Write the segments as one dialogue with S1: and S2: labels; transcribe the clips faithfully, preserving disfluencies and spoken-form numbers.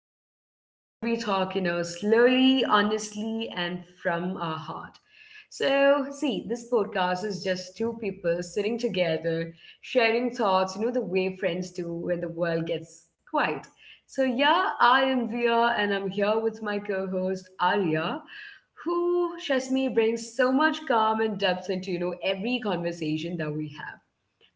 S1: little space where we talk, you know, slowly, honestly, and from our heart. So, see, this podcast is just two people sitting together, sharing thoughts, you know, the way friends do when the world gets quiet. So, yeah, I am Via, and I'm here with my co host, Arya, who, trust me, brings so much calm and depth into, you know, every conversation that we have.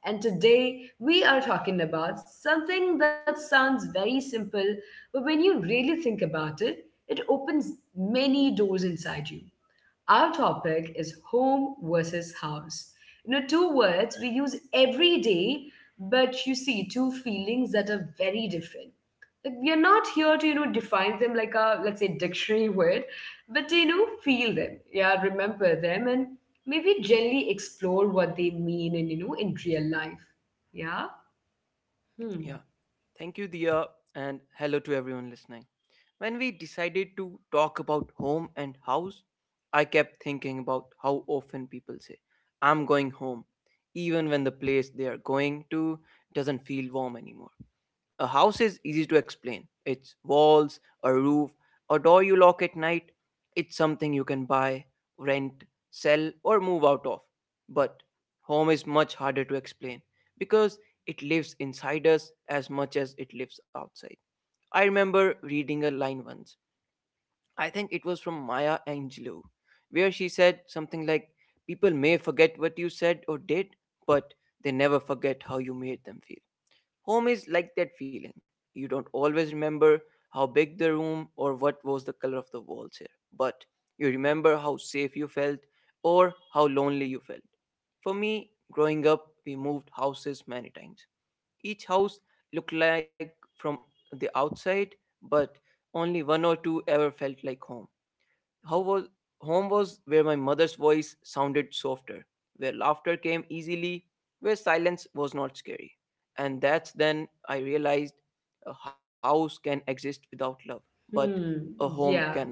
S1: And today we are talking about something that sounds very simple, but when you really think about it, it opens many doors inside you. Our topic is home versus house. You know, two words we use every day, but you see, two feelings that are very different. Like, we are not here to you know define them like a, let's say, dictionary word, but to, you know feel them, yeah, remember them, and maybe gently explore what they mean and you know in real life. Yeah.
S2: Yeah.
S1: hmm
S2: Thank you, Dia, and hello to everyone listening. When we decided to talk about home and house, I kept thinking about how often people say, I'm going home, even when the place they are going to doesn't feel warm anymore. A house is easy to explain. It's walls, a roof, a door you lock at night. It's something you can buy, rent, sell, or move out of. But home is much harder to explain because it lives inside us as much as it lives outside. I remember reading a line once. I think it was from Maya Angelou, where she said something like, People may forget what you said or did, but they never forget how you made them feel. Home is like that feeling. You don't always remember how big the room or what was the color of the walls here, but you remember how safe you felt or how lonely you felt. For me, growing up, we moved houses many times. Each house looked like from the outside, but only one or two ever felt like home. How was home was where my mother's voice sounded softer, where laughter came easily, where silence was not scary. And that's then I realized a house can exist without love, but a
S1: hmm
S2: home
S1: yeah.
S2: cannot.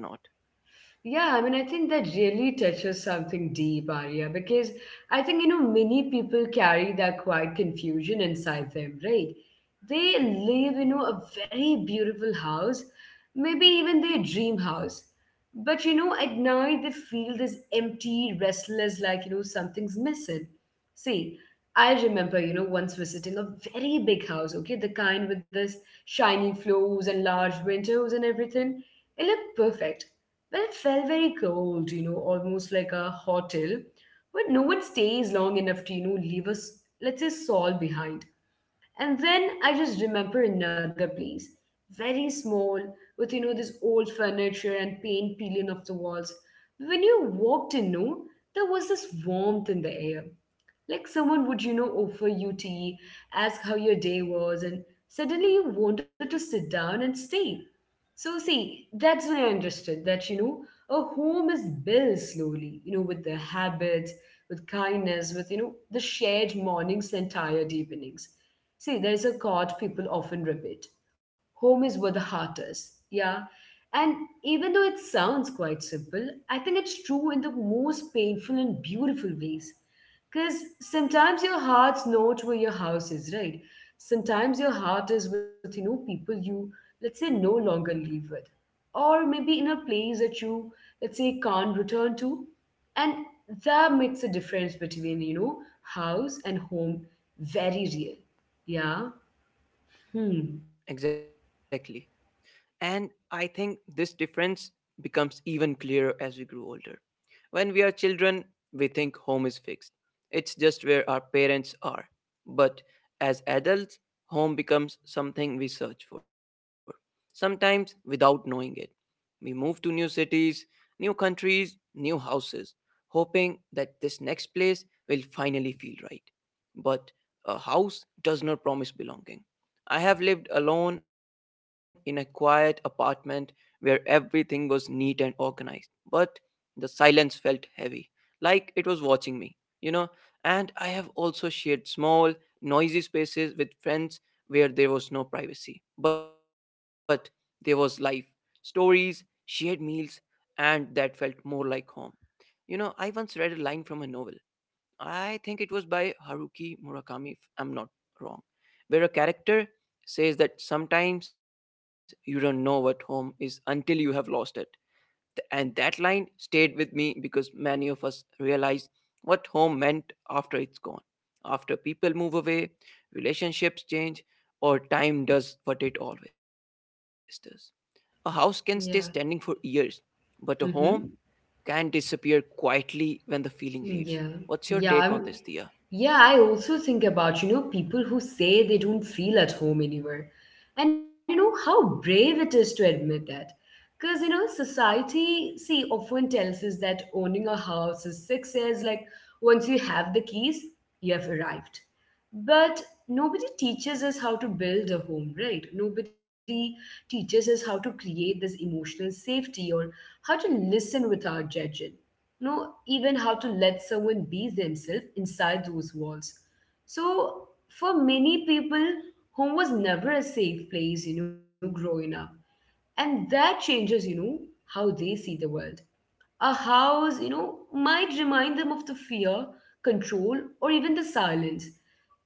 S1: Yeah, I mean, I think that really touches something deep, Arya, because I think, you know, many people carry that quiet confusion inside them, right? They live, you know, a very beautiful house, maybe even their dream house. But, you know, at night they feel this empty, restless, like, you know, something's missing. See, I remember, you know, once visiting a very big house, okay, the kind with this shiny floors and large windows and everything. It looked perfect, well, it felt very cold, you know, almost like a hotel, but no one stays long enough to, you know, leave us, let's say, Saul behind. And then I just remember another place, very small, with, you know, this old furniture and paint peeling off the walls. When you walked in, no, there was this warmth in the air. Like someone would, you know, offer you tea, ask how your day was, and suddenly you wanted to sit down and stay. So, see, that's when I understood that, you know, a home is built slowly, you know, with the habits, with kindness, with, you know, the shared mornings and tired evenings. See, there's a quote people often repeat: home is where the heart is. Yeah. And even though it sounds quite simple, I think it's true in the most painful and beautiful ways. Because sometimes your heart's not where your house is, right? Sometimes your heart is with, you know, people you, let's say, no longer live with. Or maybe in a place that you, let's say, can't return to. And that makes a difference between, you know, house and home very real. Yeah. Hmm.
S2: Exactly. And I think this difference becomes even clearer as we grow older. When we are children, we think home is fixed, it's just where our parents are. But as adults, home becomes something we search for, sometimes without knowing it. We move to new cities, new countries, new houses, hoping that this next place will finally feel right. But a house does not promise belonging. I have lived alone in a quiet apartment where everything was neat and organized, but the silence felt heavy, like it was watching me, you know. And I have also shared small, noisy spaces with friends where there was no privacy, but there was life, stories, shared meals, and that felt more like home. You know, I once read a line from a novel I think it was by Haruki Murakami, if I'm not wrong, where a character says that sometimes you don't know what home is until you have lost it. Th- And that line stayed with me because many of us realize what home meant after it's gone. After people move away, relationships change, or time does what it always does. A house can stay standing for
S1: Yeah.
S2: years, but a home
S1: Mm-hmm.
S2: can disappear quietly when the feeling leaves. What's
S1: Yeah.
S2: your take on
S1: Yeah.
S2: this,
S1: I'm,
S2: Thea?
S1: Yeah, I also think about, you know, people who say they don't feel at home anywhere. And you know how brave it is to admit that. Because, you know, society, see, often tells us that owning a house is success. Like, once you have the keys, you have arrived. But nobody teaches us how to build a home, right? Nobody teaches us how to create this emotional safety, or how to listen without judging, know even how to let someone be themselves inside those walls. So for many people home was never a safe place, you know, growing up. And that changes, you know, how they see the world. A house, you know, might remind them of the fear, control, or even the silence.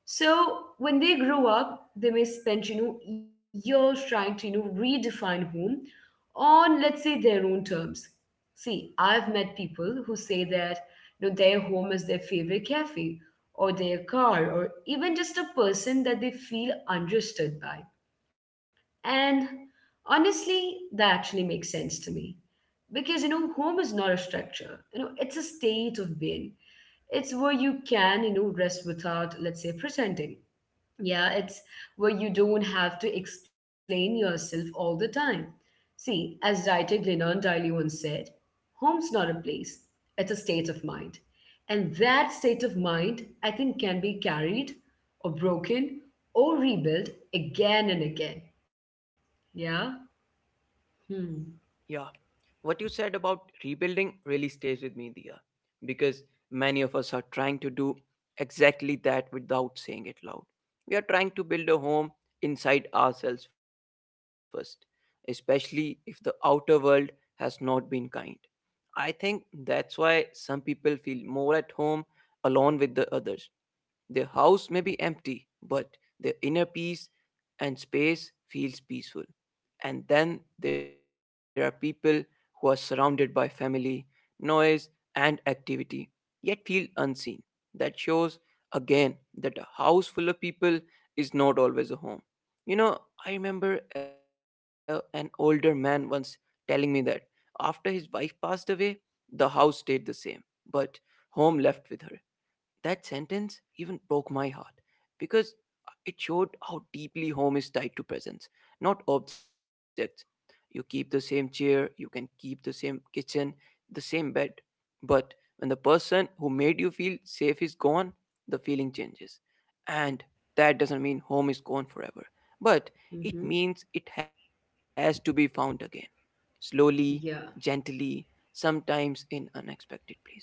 S1: So when they grow up, they may spend, you know, years trying to, you know, redefine home on, let's say, their own terms. See, I've met people who say that, you know, their home is their favorite cafe or their car or even just a person that they feel understood by. And honestly, that actually makes sense to me because you know home is not a structure, you know, it's a state of being. It's where you can, you know, rest without, let's say, pretending. Yeah, it's where you don't have to explain yourself all the time. See, as writer Glennon Daly once said, home's not a place, it's a state of mind. And that state of mind, I think, can be carried, or broken, or rebuilt again and again. Yeah. Hmm.
S2: Yeah. What you said about rebuilding really stays with me, Dia, because many of us are trying to do exactly that without saying it loud. We are trying to build a home inside ourselves first, especially if the outer world has not been kind. I think that's why some people feel more at home alone with the others. Their house may be empty, but their inner peace and space feels peaceful. And then there are people who are surrounded by family, noise, and activity, yet feel unseen. That shows again that a house full of people is not always a home. You know, I remember uh, an older man once telling me that after his wife passed away, the house stayed the same, but home left with her. That sentence even broke my heart because it showed how deeply home is tied to presence, not objects. You keep the same chair, you can keep the same kitchen, the same bed. But when the person who made you feel safe is gone, the feeling changes. And that doesn't mean home is gone forever, but it
S1: Mm-hmm.
S2: means it has to be found again slowly,
S1: Yeah.
S2: gently, sometimes in unexpected places.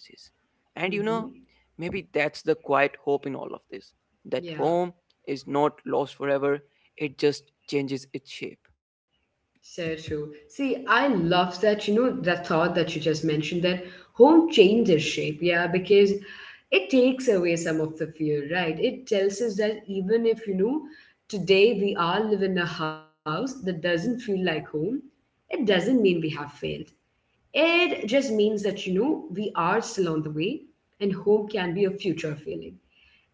S2: And you know,
S1: Mm-hmm.
S2: maybe that's the quiet hope in all of this that
S1: Yeah.
S2: home is not lost forever, it just changes its shape.
S1: So true. See, I love that, you know, that thought that you just mentioned, that home changes shape, yeah, because it takes away some of the fear, right? It tells us that even if, you know, today we all live in a house that doesn't feel like home, it doesn't mean we have failed. It just means that, you know, we are still on the way, and home can be a future feeling.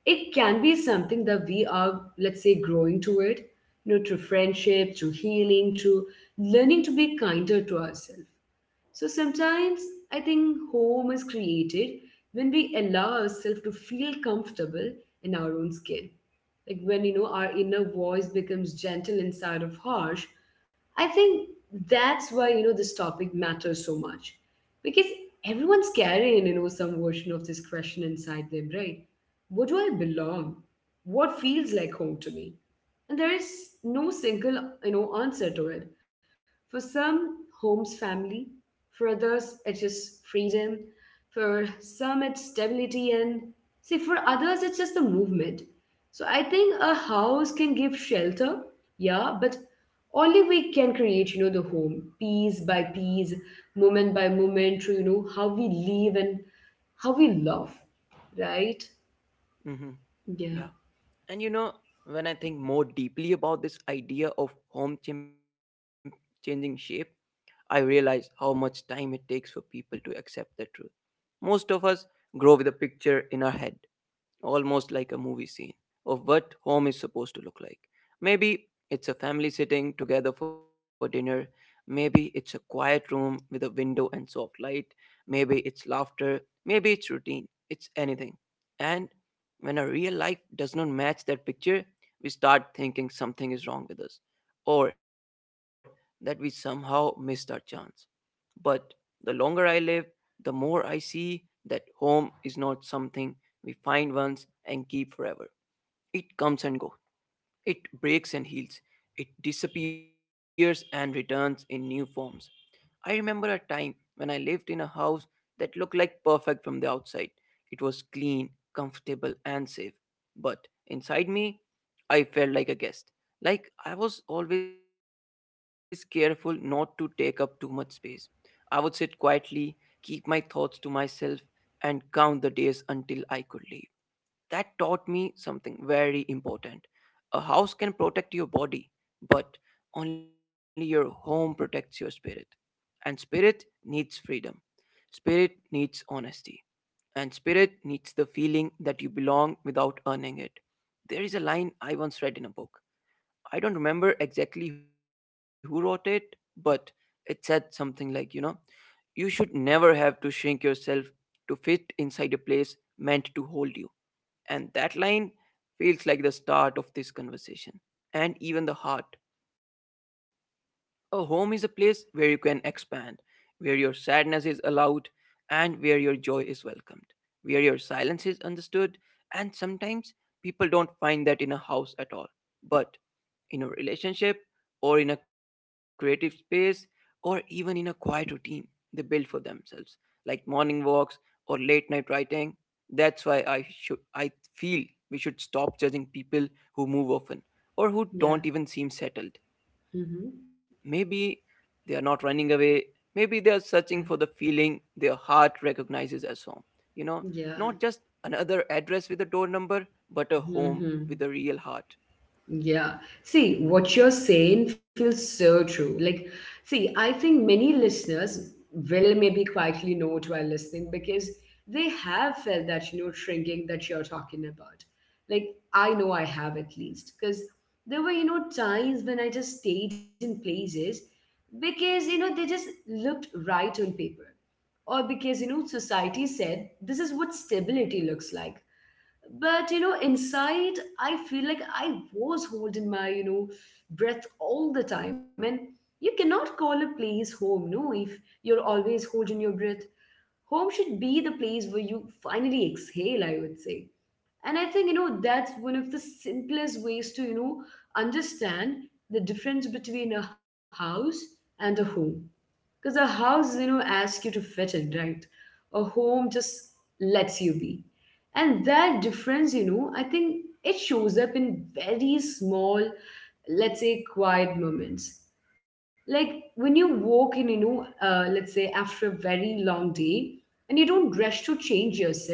S1: It can be something that we are, let's say, growing toward, you know, through friendship, through healing, through learning to be kinder to ourselves. So sometimes I think home is created when we allow ourselves to feel comfortable in our own skin. Like when you know our inner voice becomes gentle inside of harsh. I think that's why, you know, this topic matters so much. Because everyone's carrying, you know, some version of this question inside them, right? What do I belong? What feels like home to me? And there is no single, you know, answer to it. For some, home's family. For others, it is freedom. For some, it's stability. And see, for others, it's just the movement. So I think a house can give shelter, yeah, but only we can create, you know, the home piece by piece, moment by moment, through, you know, how we live and how we love, right?
S2: Hmm. Yeah.
S1: Yeah,
S2: And you know, when I think more deeply about this idea of home chim- changing shape, I realize how much time it takes for people to accept the truth. Most of us grow with a picture in our head almost like a movie scene of what home is supposed to look like. Maybe it's a family sitting together for dinner, maybe it's a quiet room with a window and soft light, maybe it's laughter, maybe it's routine, it's anything. And when our real life does not match that picture, we start thinking something is wrong with us or that we somehow missed our chance. But the longer I live, the more I see that home is not something we find once and keep forever. It comes and goes. It breaks and heals. It disappears and returns in new forms. I remember a time when I lived in a house that looked like perfect from the outside. It was clean, comfortable, and safe. But inside me, I felt like a guest. Like I was always careful not to take up too much space. I would sit quietly, keep my thoughts to myself, and count the days until I could leave. That taught me something very important. A house can protect your body, but only your home protects your spirit. And spirit needs freedom. Spirit needs honesty. And spirit needs the feeling that you belong without earning it. There is a line I once read in a book. I don't remember exactly who wrote it, but it said something like, you know, you should never have to shrink yourself to fit inside a place meant to hold you. And that line feels like the start of this conversation and even the heart a home is a place where you can expand, where your sadness is allowed, and where your joy is welcomed, where your silence is understood, and sometimes people don't find that in a house at all. But in a relationship, or in a creative space, or even in a quiet routine they build for themselves, like morning walks or late night writing. That's why I should I feel we should stop judging people who move often
S1: yeah.
S2: or who don't even seem settled.
S1: Mm-hmm.
S2: Maybe they are not running away. Maybe they are
S1: Yeah.
S2: searching for the feeling their heart recognizes as home. You know,
S1: Yeah.
S2: not just another address with a door number, but a
S1: Mm-hmm.
S2: home with a real heart.
S1: Yeah. See, what you're saying feels so true. Like, see, I think many listeners will maybe quietly note while listening, because they have felt that, you know, shrinking that you're talking about. Like, I know I have, at least, because there were, you know, times when I just stayed in places because, you know, they just looked right on paper, or because, you know, society said this is what stability looks like. But you know inside I feel like I was holding my, you know, breath all the time. And you cannot call a place home, no, if you're always holding your breath. Home should be the place where you finally exhale, I would say. And I think, you know, that's one of the simplest ways to, you know, understand the difference between a house and a home. Because a house, you know, asks you to fit in, right? A home just lets you be. And that difference, you know, I think, it shows up in very small, let's say, quiet moments. Like when you walk in, you know, uh, let's say after a very long day, and you don't rush to change yourself,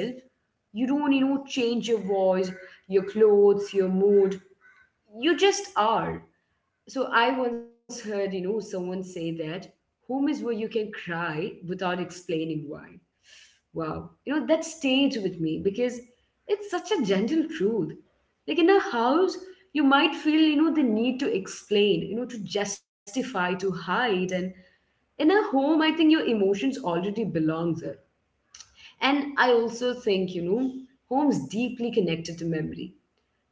S1: you don't, you know, change your voice, your clothes, your mood. You just are. So I once heard, you know, someone say that home is where you can cry without explaining why. Wow. You know, that stayed with me because it's such a gentle truth. Like in a house, you might feel, you know, the need to explain, you know, to justify, to hide. And in a home, I think your emotions already belong there. And I also think, you know, home's deeply connected to memory,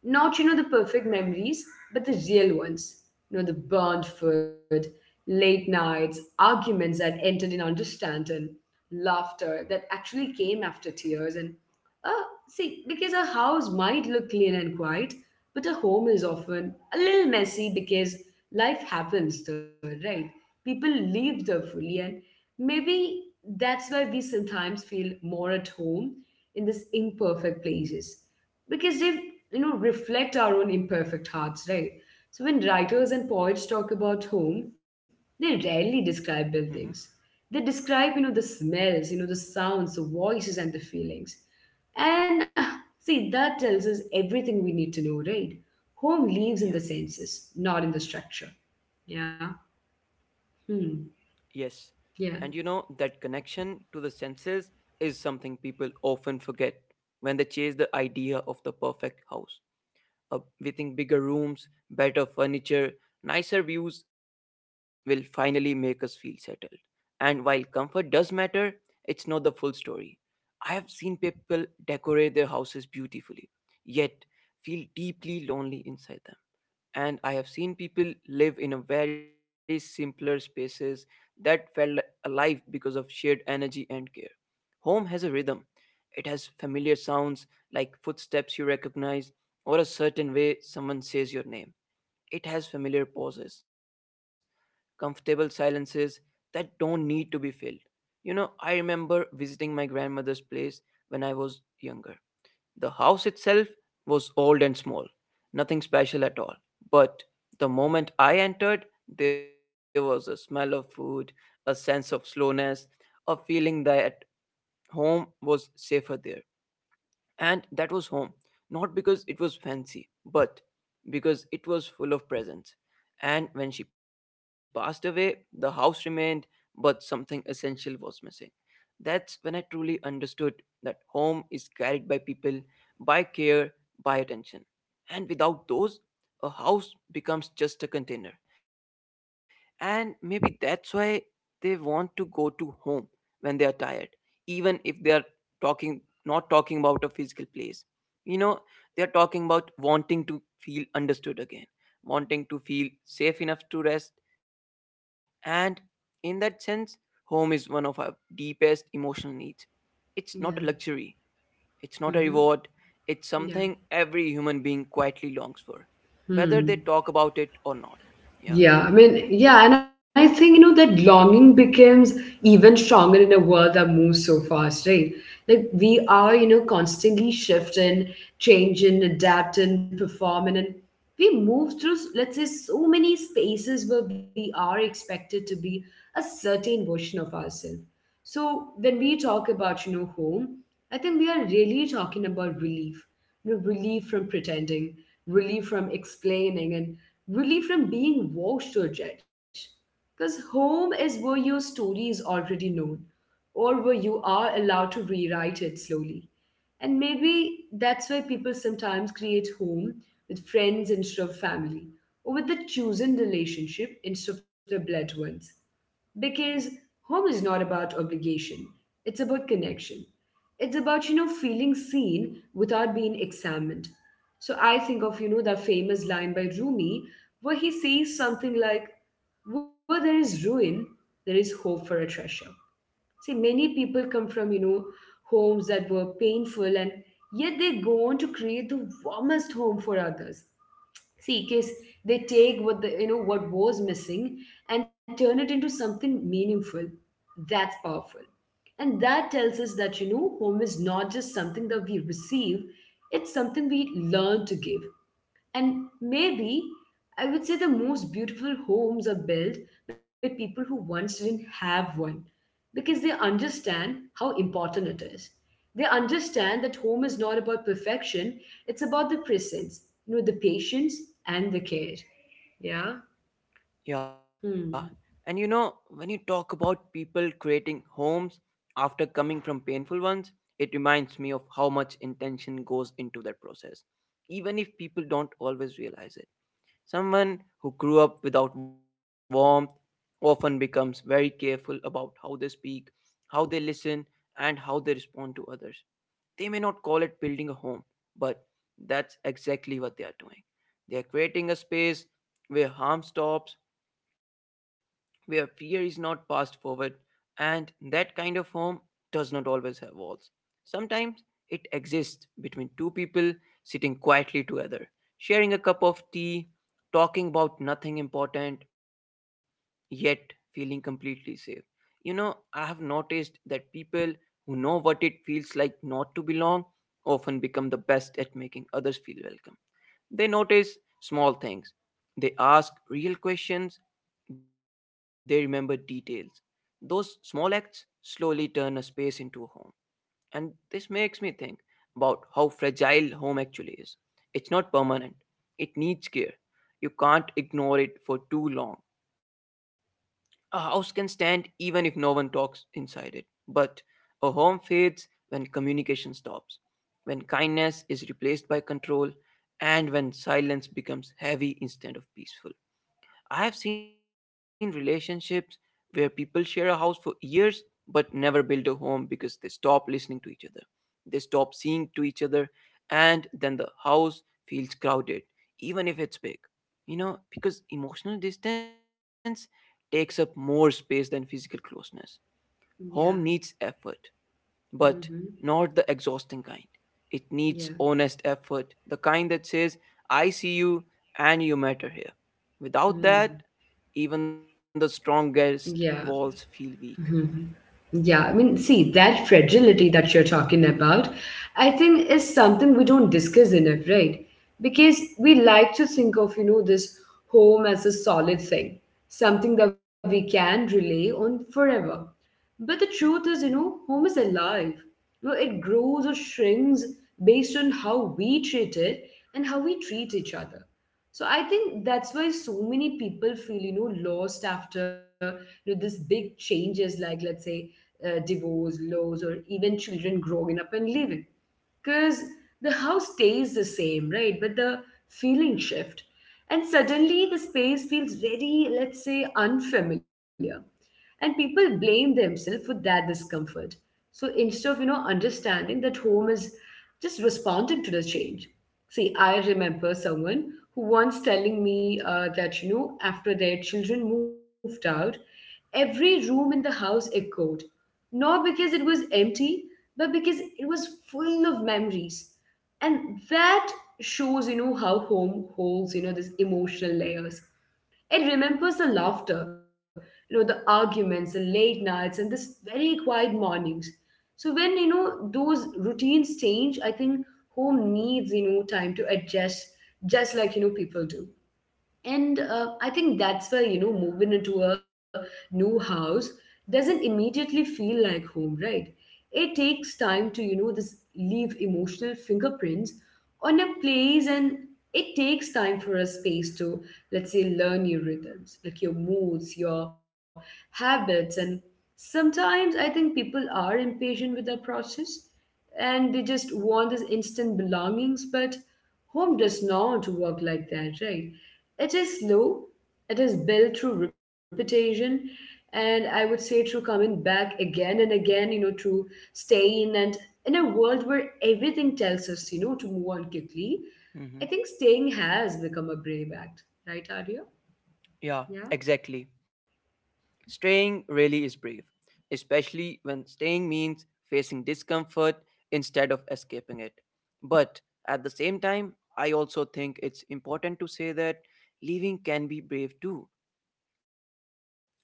S1: not, you know, the perfect memories, but the real ones. You know, the burnt food, late nights, arguments that ended in understanding, laughter that actually came after tears, and uh, see, because a house might look clean and quiet, but a home is often a little messy because life happens there, right? People live there fully, and maybe that's why we sometimes feel more at home in these imperfect places because they, you know, reflect our own imperfect hearts, right? So when writers and poets talk about home, they rarely describe
S2: Hmm.
S1: buildings. They describe, you know, the smells, you know, the sounds, the voices, and the feelings. And uh, see, that tells us everything we need to know, right? Home lives in the senses,
S2: Yeah,
S1: not in the structure. Yeah. Hmm.
S2: yes.
S1: Yeah.
S2: And you know, that connection to the senses is something people often forget when they chase the idea of the perfect house. Uh, we think bigger rooms, better furniture, nicer views will finally make us feel settled. And while comfort does matter, it's not the full story. I have seen people decorate their houses beautifully, yet feel deeply lonely inside them and I have seen people live in a very simpler spaces that felt alive because of shared energy and care. Home has a rhythm. It has familiar sounds like footsteps you recognize or a certain way someone says your name. It has familiar pauses, comfortable silences that don't need to be filled. You know, I remember visiting my grandmother's place when I was younger. The house itself was old and small, nothing special at all. But the moment I entered, there was a smell of food, a sense of slowness, a feeling that home was safer there. And that was home, not because it was fancy, but because it was full of presence. And when she passed away, the house remained, but something essential was missing. That's when I truly understood that home is carried by people, by care, by attention. And without those, a house becomes just a container. And maybe that's why they want to go to home when they are tired, even if they are talking not talking about a physical place. You know, they're talking about wanting to feel understood again, wanting to feel safe enough to rest. And in that sense, home is one of our deepest emotional needs. It's
S1: Yeah.
S2: not a luxury, it's not a
S1: Mm-hmm.
S2: reward, it's
S1: Yeah.
S2: something every human being quietly longs for,
S1: Hmm.
S2: whether they talk about it or not.
S1: Yeah, I
S2: Yeah.
S1: mean, yeah, and I think, you know, that longing becomes even stronger in a world that moves so fast, right? Like we are, you know, constantly shifting, changing, adapting, performing, and we move through, let's say, so many spaces where we are expected to be a certain version of ourselves. So when we talk about, you know, home, I think we are really talking about relief, you know, relief from pretending, relief from explaining, and relief from being watched or judged. Because home is where your story is already known, or where you are allowed to rewrite it slowly. And maybe that's why people sometimes create home with friends instead of family, or with the chosen relationship instead of the blood ones because home is not about obligation, it's about connection, it's about, you know feeling seen without being examined. So I think of you know that famous line by Rumi where he says something like, where there is ruin, there is hope for a treasure. See, many people come from, you know homes that were painful, and yet they go on to create the warmest home for others. See case, they take what the, you know what was missing and turn it into something meaningful. That's powerful. And that tells us that, you know home is not just something that we receive, it's something we learn to give. And maybe, I would say the most beautiful homes are built by people who once didn't have one, because they understand how important it is. They understand that home is not about perfection, it's about the presence, you know, the patience and the care. Yeah. Hmm.
S2: Yeah, and you know, when you talk about people creating homes after coming from painful ones, it reminds me of how much intention goes into that process, even if people don't always realize it. Someone who grew up without warmth often becomes very careful about how they speak, how they listen, and how they respond to others. They may not call it building a home, but that's exactly what they are doing. They are creating a space where harm stops where fear is not passed forward, and that kind of home does not always have walls. Sometimes it exists between two people sitting quietly together, sharing a cup of tea, talking about nothing important, yet feeling completely safe. You know, I have noticed that people who know what it feels like not to belong often become the best at making others feel welcome. They notice small things. They ask real questions. They remember details. Those small acts slowly turn a space into a home. And this makes me think about how fragile home actually is. It's not permanent, it needs care. You can't ignore it for too long. A house can stand even if no one talks inside it. But a home fades when communication stops, when kindness is replaced by control, and when silence becomes heavy instead of peaceful. I have seen relationships where people share a house for years but never build a home because they stop listening to each other. They stop seeing to each other, and then the house feels crowded, even if it's big. You know, because emotional distance takes up more space than physical closeness. Home needs
S1: Yeah.
S2: effort but
S1: Mm-hmm.
S2: not the exhausting kind. It needs
S1: Yeah.
S2: honest effort, the kind that says, I see you and you matter here. Without that,
S1: Hmm.
S2: even the strongest
S1: Yeah.
S2: walls feel weak.
S1: Mhm. Yeah, I mean, see, that fragility that you're talking about, I think is something we don't discuss enough, right? Because we like to think of, you know, this home as a solid thing, something that we can rely on forever. But the truth is, you know, home is alive. You know, it grows or shrinks based on how we treat it and how we treat each other. So I think that's why so many people feel, you know, lost after you know this big changes, like let's say uh, divorce, laws, or even children growing up and leaving, because the house stays the same, right? But the feeling shift, and suddenly the space feels very, let's say, unfamiliar, and people blame themselves for that discomfort. So instead of, you know understanding that home is just responding to the change. See, I remember someone who once telling me uh, that you know after their children moved out, every room in the house echoed, not because it was empty, but because it was full of memories. And that shows, you know, how home holds, you know, this emotional layers. It remembers the laughter, you know, the arguments, the late nights, and this very quiet mornings. So when, you know, those routines change, I think home needs, you know, time to adjust, just like, you know, people do. And uh, I think that's why, you know, moving into a new house doesn't immediately feel like home, right? It takes time to, you know, this leave emotional fingerprints on a place, and it takes time for a space to, let's say, learn your rhythms, like your moods, your habits. And sometimes I think people are impatient with the process and they just want this instant belongings, but home does not work like that, right? It is slow, it is built through repetition, and I would say through coming back again and again, you know, to stay in. And in a world where everything tells us, you know, to move on quickly, I think staying
S2: Hmm.
S1: has become a brave act, right, Arya? Yeah?
S2: Yeah, exactly. Staying really is brave, especially when staying means facing discomfort instead of escaping it. But at the same time, I also think it's important to say that leaving can be brave too.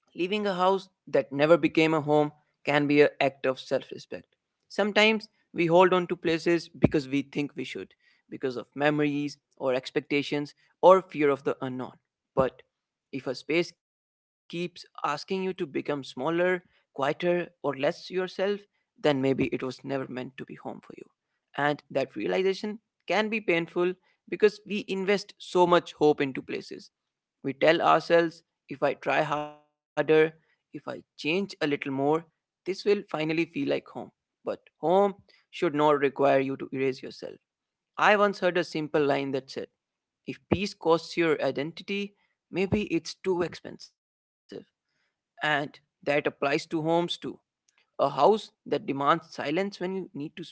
S2: Leaving a house that never became a home can be an act of self respect. Sometimes we hold on to places because we think we should, because of memories or expectations or fear of the unknown. But if a space keeps asking you to become smaller, quieter, or less yourself, then maybe it was never meant to be home for you. And that realization can be painful because we invest so much hope into places, we tell ourselves, if I try harder, if I change a little more, this will finally feel like home. But home should not require you to erase yourself. I once heard a simple line that said, if peace costs your identity, maybe it's too expensive. And that applies to homes too. A house that demands silence when you need to speak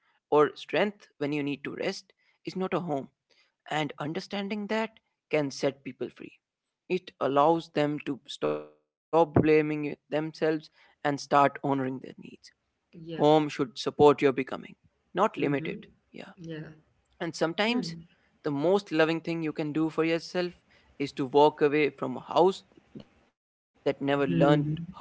S2: or strength when you need to rest is not a home. And understanding that can set people free. It allows them to stop blaming it- themselves and start honoring their needs. Home should
S1: Yeah.
S2: support your becoming, not limit it.
S1: Mm-hmm.
S2: Yeah.
S1: Yeah.
S2: And sometimes
S1: Hmm.
S2: the most loving thing you can do for yourself is to walk away from a house that never learned how
S1: Hmm.
S2: to hold you.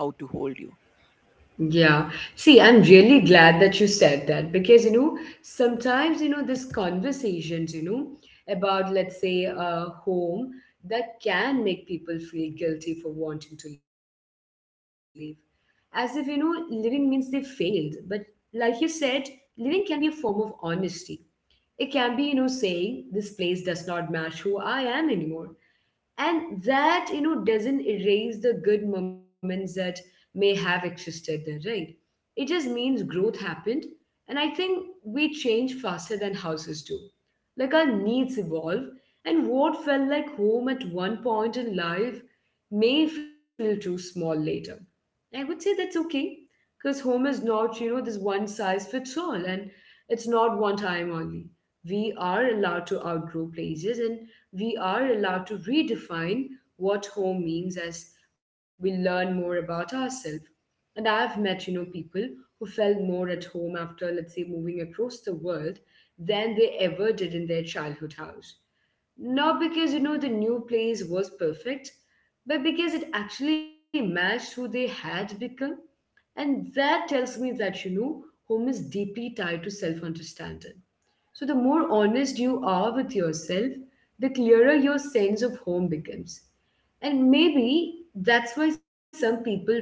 S1: Yeah. See, I'm really glad that you said that, because, you know, sometimes, you know, these conversations, you know, about, let's say, a home, that can make people feel guilty for wanting to leave. As if, you know, living means they failed. But like you said, living can be a form of honesty. It can be, you know, saying this place does not match who I am anymore, and that you know doesn't erase the good moments that may have existed there, right? It just means growth happened. And I think we change faster than houses do. Like, our needs evolve, and what felt like home at one point in life may feel too small later. I would say that's okay, because home is not, you know, this one size fits all, and it's not one time only. We are allowed to outgrow places, and we are allowed to redefine what home means as we learn more about ourselves. And I've met, you know, people who felt more at home after, let's say, moving across the world than they ever did in their childhood house. Not because, you know, the new place was perfect, but because it actually matched who they had become. And that tells me that, you know, home is deeply tied to self understanding. So, the more honest you are with yourself, the clearer your sense of home becomes. And maybe that's why some people feel,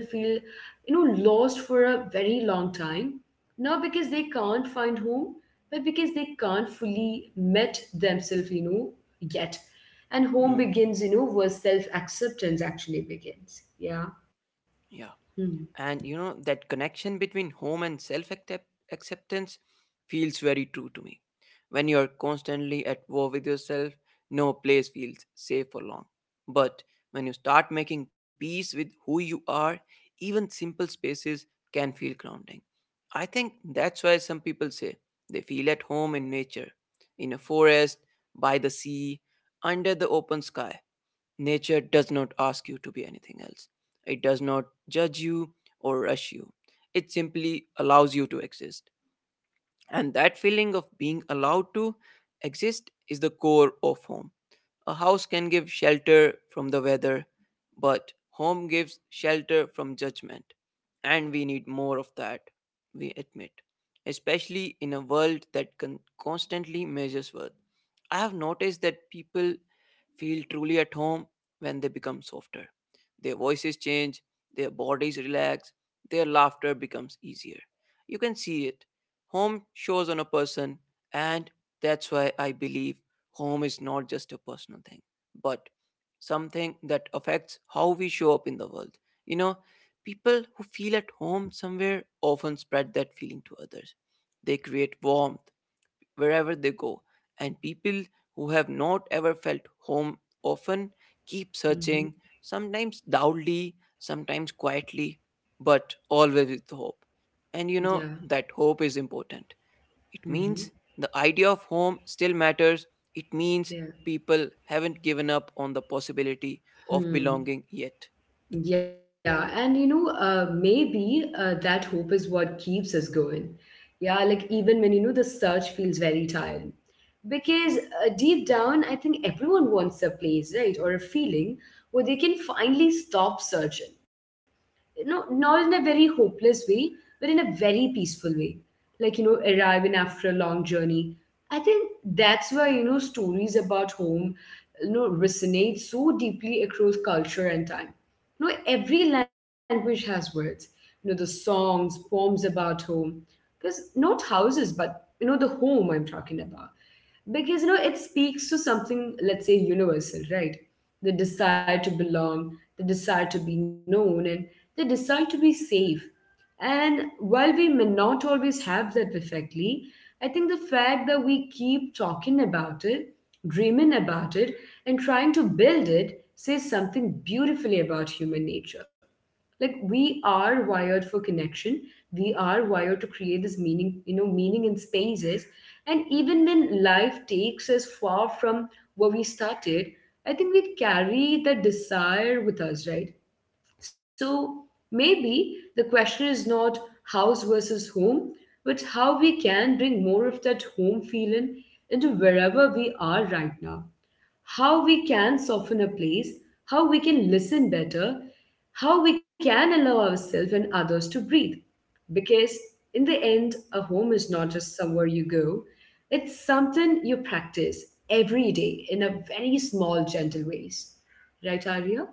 S1: you know, lost for a very long time. Not because they can't find home, but because they can't fully met themselves, you know, yet. And home
S2: Hmm.
S1: begins, you know, where self acceptance actually begins. Yeah.
S2: Yeah.
S1: Hmm.
S2: And you know, that connection between home and self acceptance feels very true to me. When you're constantly at war with yourself, no place feels safe for long. But when you start making peace with who you are, even simple spaces can feel grounding. I think that's why some people say they feel at home in nature, in a forest, by the sea, under the open sky. Nature does not ask you to be anything else. It does not judge you or rush you. It simply allows you to exist. And that feeling of being allowed to exist is the core of home. A house can give shelter from the weather, but home gives shelter from judgment. And we need more of that, we admit, especially in a world that con- constantly measures worth. I have noticed that people feel truly at home when they become softer. Their voices change, their bodies relax, their laughter becomes easier. You can see it. Home shows on a person, and that's why I believe home is not just a personal thing, but something that affects how we show up in the world. You know, People who feel at home somewhere often spread that feeling to others. They create warmth, wherever they go. And people who have not ever felt home often keep searching,
S1: Mm-hmm.
S2: sometimes loudly, sometimes quietly, but always with hope. And you know
S1: Yeah.
S2: that hope is important. It means
S1: Mm-hmm.
S2: the idea of home still matters. It means
S1: Yeah.
S2: people haven't given up on the possibility of belonging
S1: Hmm.
S2: yet.
S1: Yeah, and you know, uh, maybe uh, that hope is what keeps us going. Yeah, like even when you know the search feels very tiring. Because uh, deep down, I think everyone wants a place, right, or a feeling where they can finally stop searching. You know, not in a very hopeless way, but in a very peaceful way. Like, you know, arriving after a long journey. I think that's why, you know, stories about home, you know, resonate so deeply across culture and time. You know, every language has words. You know, the songs, poems about home. Because not houses, but, you know, the home I'm talking about, because you know it speaks to something, let's say universal, right? The desire to belong, the desire to be known, and the desire to be safe. And while we may not always have that perfectly, I think the fact that we keep talking about it, dreaming about it, and trying to build it says something beautifully about human nature. Like, we are wired for connection, we are wired to create this meaning, you know meaning in spaces. And even when life takes us far from where we started, I think we carry that desire with us, right? So maybe the question is not house versus home, but how we can bring more of that home feeling into wherever we are right now. How we can soften a place, how we can listen better, how we can allow ourselves and others to breathe. Because in the end, a home is not just somewhere you go, it's something you practice every day in a very small, gentle ways. Right, Arya?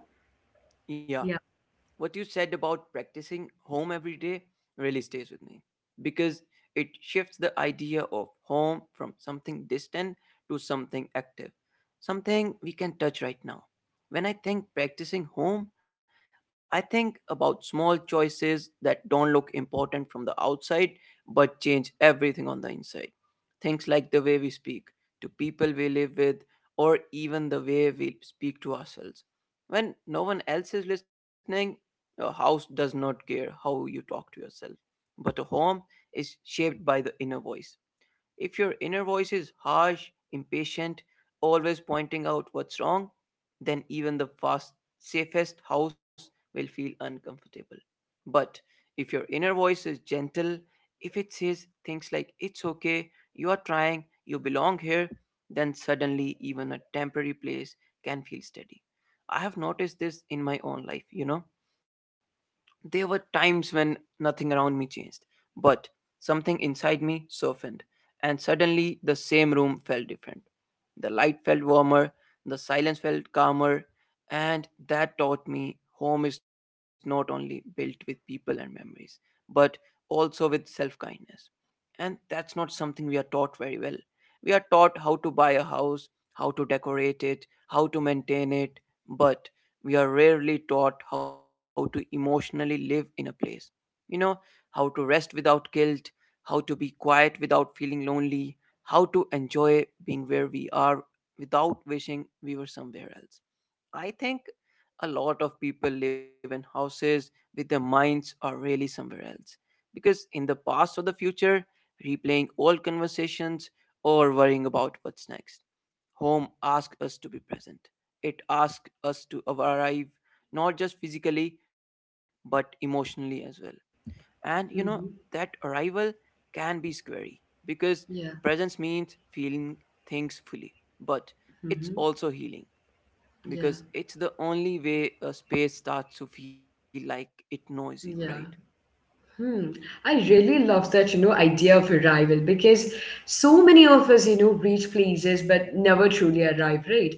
S2: Yeah.
S1: Yeah.
S2: What you said about practicing home every day really stays with me because it shifts the idea of home from something distant to something active, something we can touch right now. When I think practicing home, I think about small choices that don't look important from the outside but change everything on the inside. Things like the way we speak to people we live with, or even the way we speak to ourselves. When no one else is listening, your house does not care how you talk to yourself. But a home is shaped by the inner voice. If your inner voice is harsh, impatient, always pointing out what's wrong, then even the fast, safest house will feel uncomfortable. But if your inner voice is gentle, if it says things like, it's okay, you are trying, you belong here, then suddenly even a temporary place can feel steady. I have noticed this in my own life, you know. There were times when nothing around me changed, but something inside me softened, and suddenly the same room felt different. The light felt warmer, the silence felt calmer, and that taught me home is not only built with people and memories, but also with self kindness. And that's not something we are taught very well. We are taught how to buy a house, how to decorate it, how to maintain it, but we are rarely taught how to emotionally live in a place. You know, how to rest without guilt, how to be quiet without feeling lonely, how to enjoy being where we are without wishing we were somewhere else. I think a lot of people live in houses with their minds are really somewhere else. Because in the past or the future, replaying old conversations or worrying about what's next. Home asks us to be present, it asks us to arrive, not just physically but emotionally as well. And you know that
S1: Hmm.
S2: arrival can be scary because
S1: Yeah.
S2: presence means feeling things fully, but it's
S1: Hmm.
S2: also healing because
S1: Yeah.
S2: it's the only way a space starts to feel like it knows you, right?
S1: Yeah. Hmm. I really love that, you know, idea of arrival, because so many of us, you know, reach places but never truly arrive, right?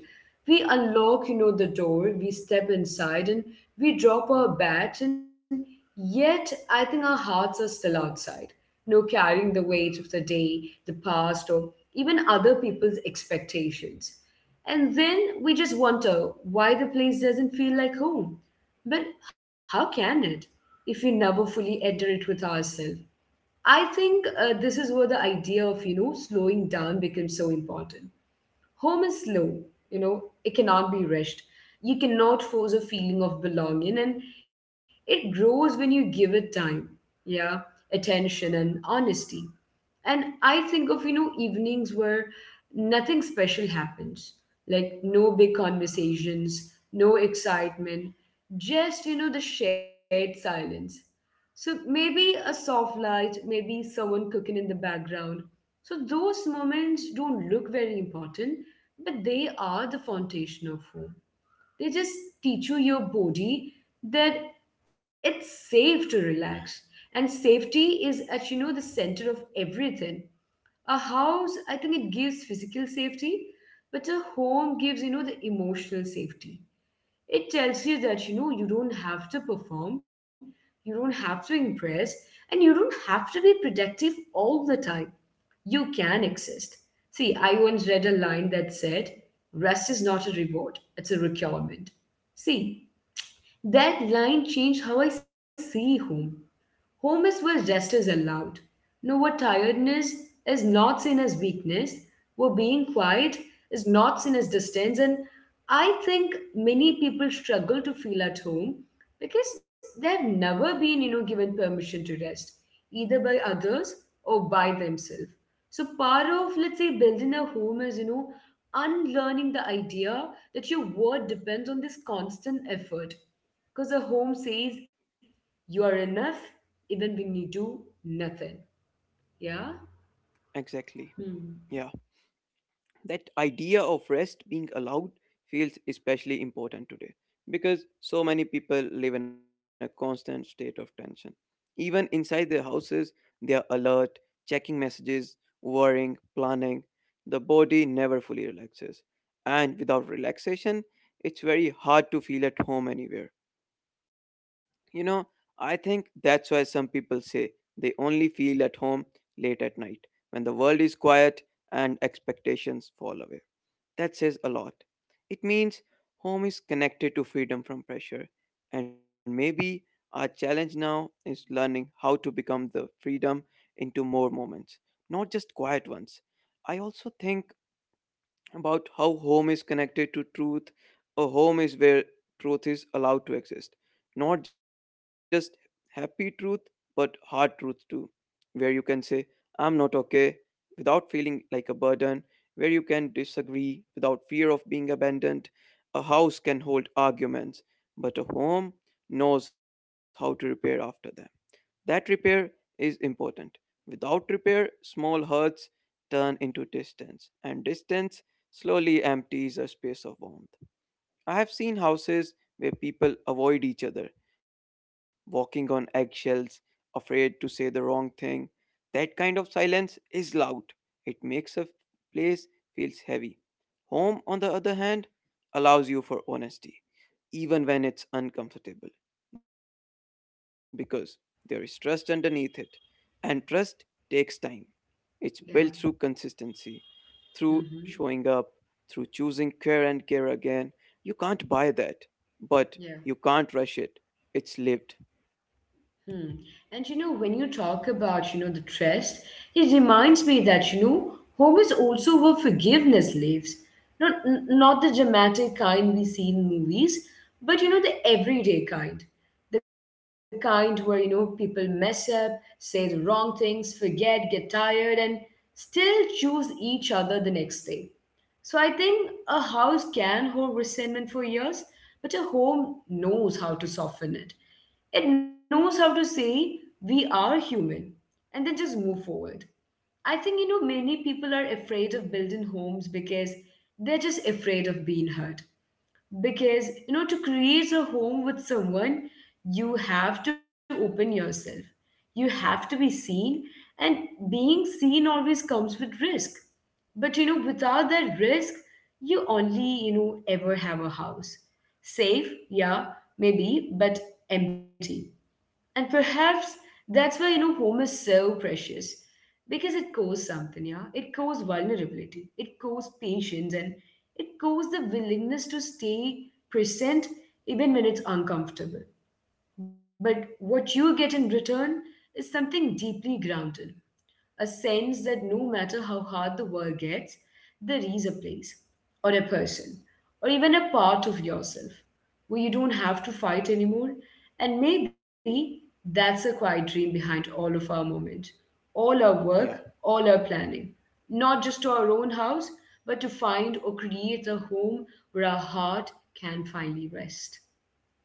S1: We unlock, you know, the door, we step inside, and we drop our bags, and yet I think our hearts are still outside, you know, carrying the weight of the day, the past, or even other people's expectations. And then we just wonder why the place doesn't feel like home. But how can it, if we never fully enter it with ourselves? I think uh, this is where the idea of you know slowing down becomes so important. Home is slow, you know, it cannot be rushed. You cannot force a feeling of belonging, and it grows when you give it time, yeah, attention and honesty. And I think of, you know, evenings where nothing special happens, like no big conversations, no excitement, just, you know, the shared silence. So maybe a soft light, maybe someone cooking in the background. So those moments don't look very important, but they are the foundation of home. They just teach you your body that it's safe to relax. And safety is at you know the center of everything. A house, I think, it gives physical safety, but a home gives you know the emotional safety. It tells you that you know you don't have to perform, you don't have to impress, and you don't have to be productive all the time. You can exist. See, I once read a line that said, rest is not a reward, it's a requirement. See, that line changed how I see home. Home is where rest is allowed. No, where tiredness is not seen as weakness, where being quiet is not seen as distance. And I think many people struggle to feel at home because they've never been, you know, given permission to rest, either by others or by themselves. So part of, let's say, building a home is, you know, unlearning the idea that your worth depends on this constant effort, because a home says you are enough even when you do nothing. Yeah?
S2: Exactly. Yeah,
S1: Hmm.
S2: that idea of rest being allowed feels especially important today because so many people live in a constant state of tension. Even inside their houses, they are alert, checking messages, worrying, planning. The body never fully relaxes, and without relaxation, it's very hard to feel at home anywhere. You know, I think that's why some people say they only feel at home late at night when the world is quiet and expectations fall away. That says a lot. It means home is connected to freedom from pressure, and maybe our challenge now is learning how to become the freedom into more moments, not just quiet ones. I also think about how home is connected to truth. A home is where truth is allowed to exist. Not just happy truth, but hard truth too. Where you can say, I'm not okay without feeling like a burden. Where you can disagree without fear of being abandoned. A house can hold arguments, but a home knows how to repair after them. That repair is important. Without repair, small hurts turn into distance, and distance slowly empties a space of warmth. I have seen houses where people avoid each other, walking on eggshells, afraid to say the wrong thing. That kind of silence is loud. It makes a place feels heavy. Home, on the other hand, allows you for honesty, even when it's uncomfortable, because there is trust underneath it. And trust takes time. It's built through
S1: Yeah.
S2: consistency, through showing up,
S1: Mm-hmm.
S2: through choosing care and care again. You can't buy that, but you
S1: Yeah.
S2: can't rush it. It's lived.
S1: Hmm. And you know, when you talk about, you know, the trust, it reminds me that, you know, home is also where forgiveness lives. Not, n- not the dramatic kind we see in movies, but, you know, the everyday kind. The kind where, you know, people mess up, say the wrong things, forget, get tired, and still choose each other the next day. So I think a house can hold resentment for years, but a home knows how to soften it. It knows how to say, we are human, and then just move forward. I think, you know, many people are afraid of building homes because they're just afraid of being hurt. Because you know to create a home with someone, you have to open yourself, you have to be seen, and being seen always comes with risk. But you know without that risk, you only you know ever have a house. Safe, yeah, maybe, but empty. And perhaps that's why, you know, home is so precious. Because it costs something, yeah? It costs vulnerability, it costs patience, and it costs the willingness to stay present even when it's uncomfortable. But what you get in return is something deeply grounded, a sense that no matter how hard the world gets, there is a place, or a person, or even a part of yourself where you don't have to fight anymore. And maybe that's a quiet dream behind all of our moment, all our work,
S2: Yeah,
S1: all our planning. Not just to our own house, but to find or create a home where our heart can finally rest.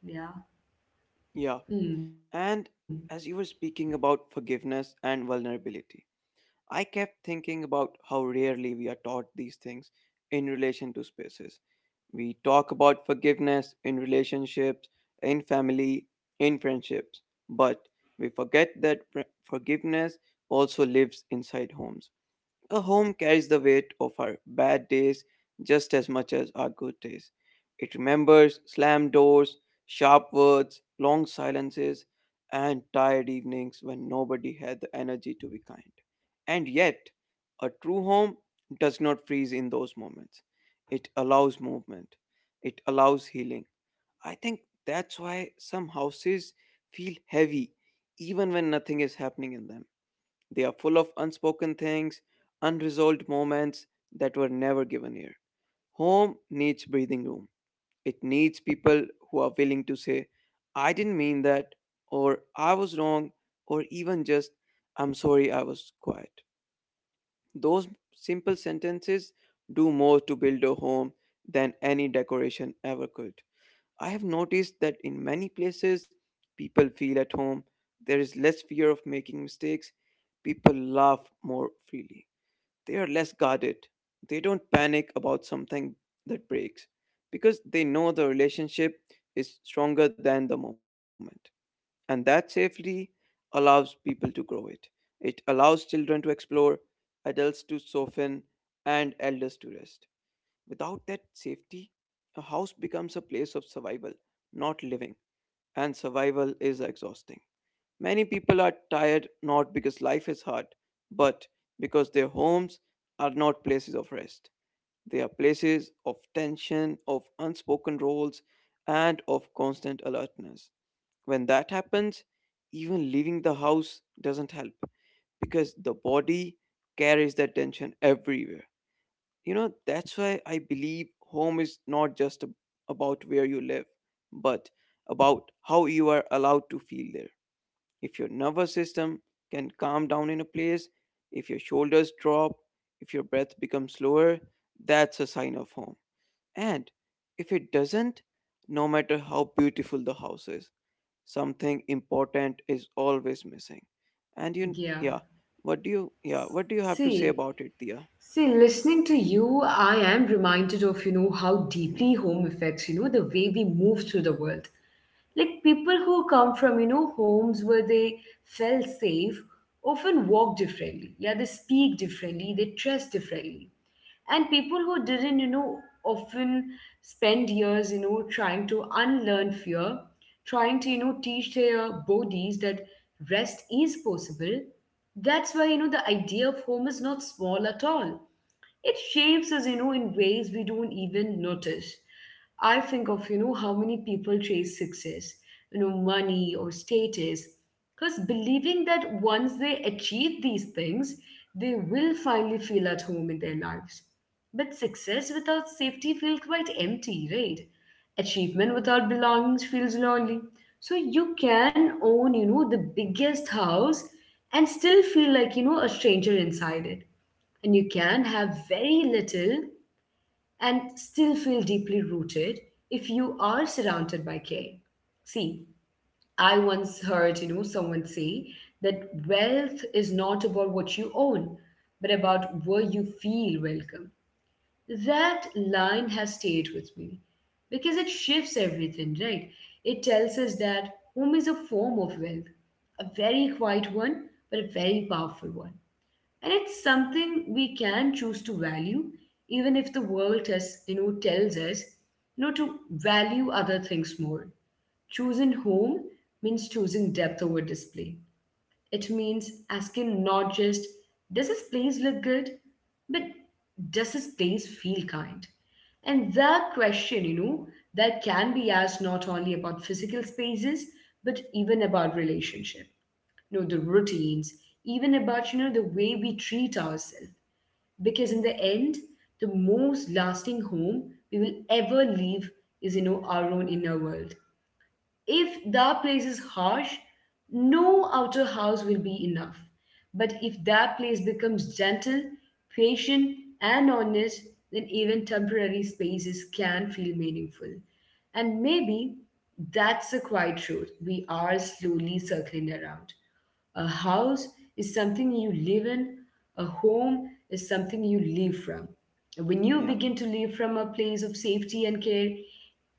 S1: Yeah.
S2: yeah.
S1: Hmm.
S2: And as you were speaking about forgiveness and vulnerability, I kept thinking about how rarely we are taught these things in relation to spaces. We talk about forgiveness in relationships, in family, in friendships, but we forget that fr- forgiveness also lives inside homes. A home carries the weight of our bad days just as much as our good days. It remembers slammed doors, sharp words, long silences, and tired evenings when nobody had the energy to be kind. And yet, a true home does not freeze in those moments. It allows movement, it allows healing. I think that's why some houses feel heavy even when nothing is happening in them. They are full of unspoken things, unresolved moments that were never given air. Home needs breathing room. It needs people who are willing to say, I didn't mean that, or I was wrong, or even just, I'm sorry I was quiet. Those simple sentences do more to build a home than any decoration ever could. I have noticed that in many places, people feel at home. There is less fear of making mistakes. People laugh more freely. They are less guarded. They don't panic about something that breaks because they know the relationship is stronger than the moment. And that safety allows people to grow it. It allows children to explore, adults to soften, and elders to rest. Without that safety, a house becomes a place of survival, not living, and survival is exhausting. Many people are tired not because life is hard, but because their homes are not places of rest. They are places of tension, of unspoken roles, and of constant alertness. When that happens, even leaving the house doesn't help because the body carries that tension everywhere. You know, that's why I believe home is not just ab- about where you live, but about how you are allowed to feel there. If your nervous system can calm down in a place, if your shoulders drop, if your breath becomes slower, that's a sign of home. And if it doesn't, no matter how beautiful the house is, something important is always missing. And you,
S1: Yeah.
S2: yeah, what do you, yeah, what do you have to say
S1: See,
S2: about it, Dia?
S1: See, listening to you, I am reminded of, you know, how
S2: Hmm,
S1: deeply home affects, you know, the way we move through the world. Like people who come from, you know, homes where they felt safe often walk differently. Yeah, they speak differently, they dress differently. And people who didn't, you know, often spend years, you know, trying to unlearn fear, trying to, you know, teach their bodies that rest is possible. That's why, you know, the idea of home is not small at all. It shapes us, you know, in ways we don't even notice. I think of, you know, how many people chase success, you know, money or status, because believing that once they achieve these things, they will finally feel at home in their lives. But success without safety feels quite empty, right? Achievement without belongings feels lonely. So you can own, you know, the biggest house and still feel like, you know, a stranger inside it. And you can have very little and still feel deeply rooted if you are surrounded by care. See, I once heard, you know, someone say that wealth is not about what you own, but about where you feel welcome. That line has stayed with me because it shifts everything, right? It tells us that home is a form of wealth, a very quiet one, but a very powerful one, and it's something we can choose to value even if the world tells you know tells us you know to value other things more. Choosing home means choosing depth over display. It means asking not just, does this place look good, but, does this place feel kind? And that question, you know that can be asked not only about physical spaces, but even about relationship, you know the routines, even about, you know the way we treat ourselves. Because in the end, the most lasting home we will ever leave is, you know our own inner world. If that place is harsh, no outer house will be enough. But if that place becomes gentle, patient, and honest, then even temporary spaces can feel meaningful. And maybe that's the quiet truth we are slowly circling around. A house is something you live in, a home is something you live from. When you begin to live from a
S2: yeah.
S1: place of safety and care,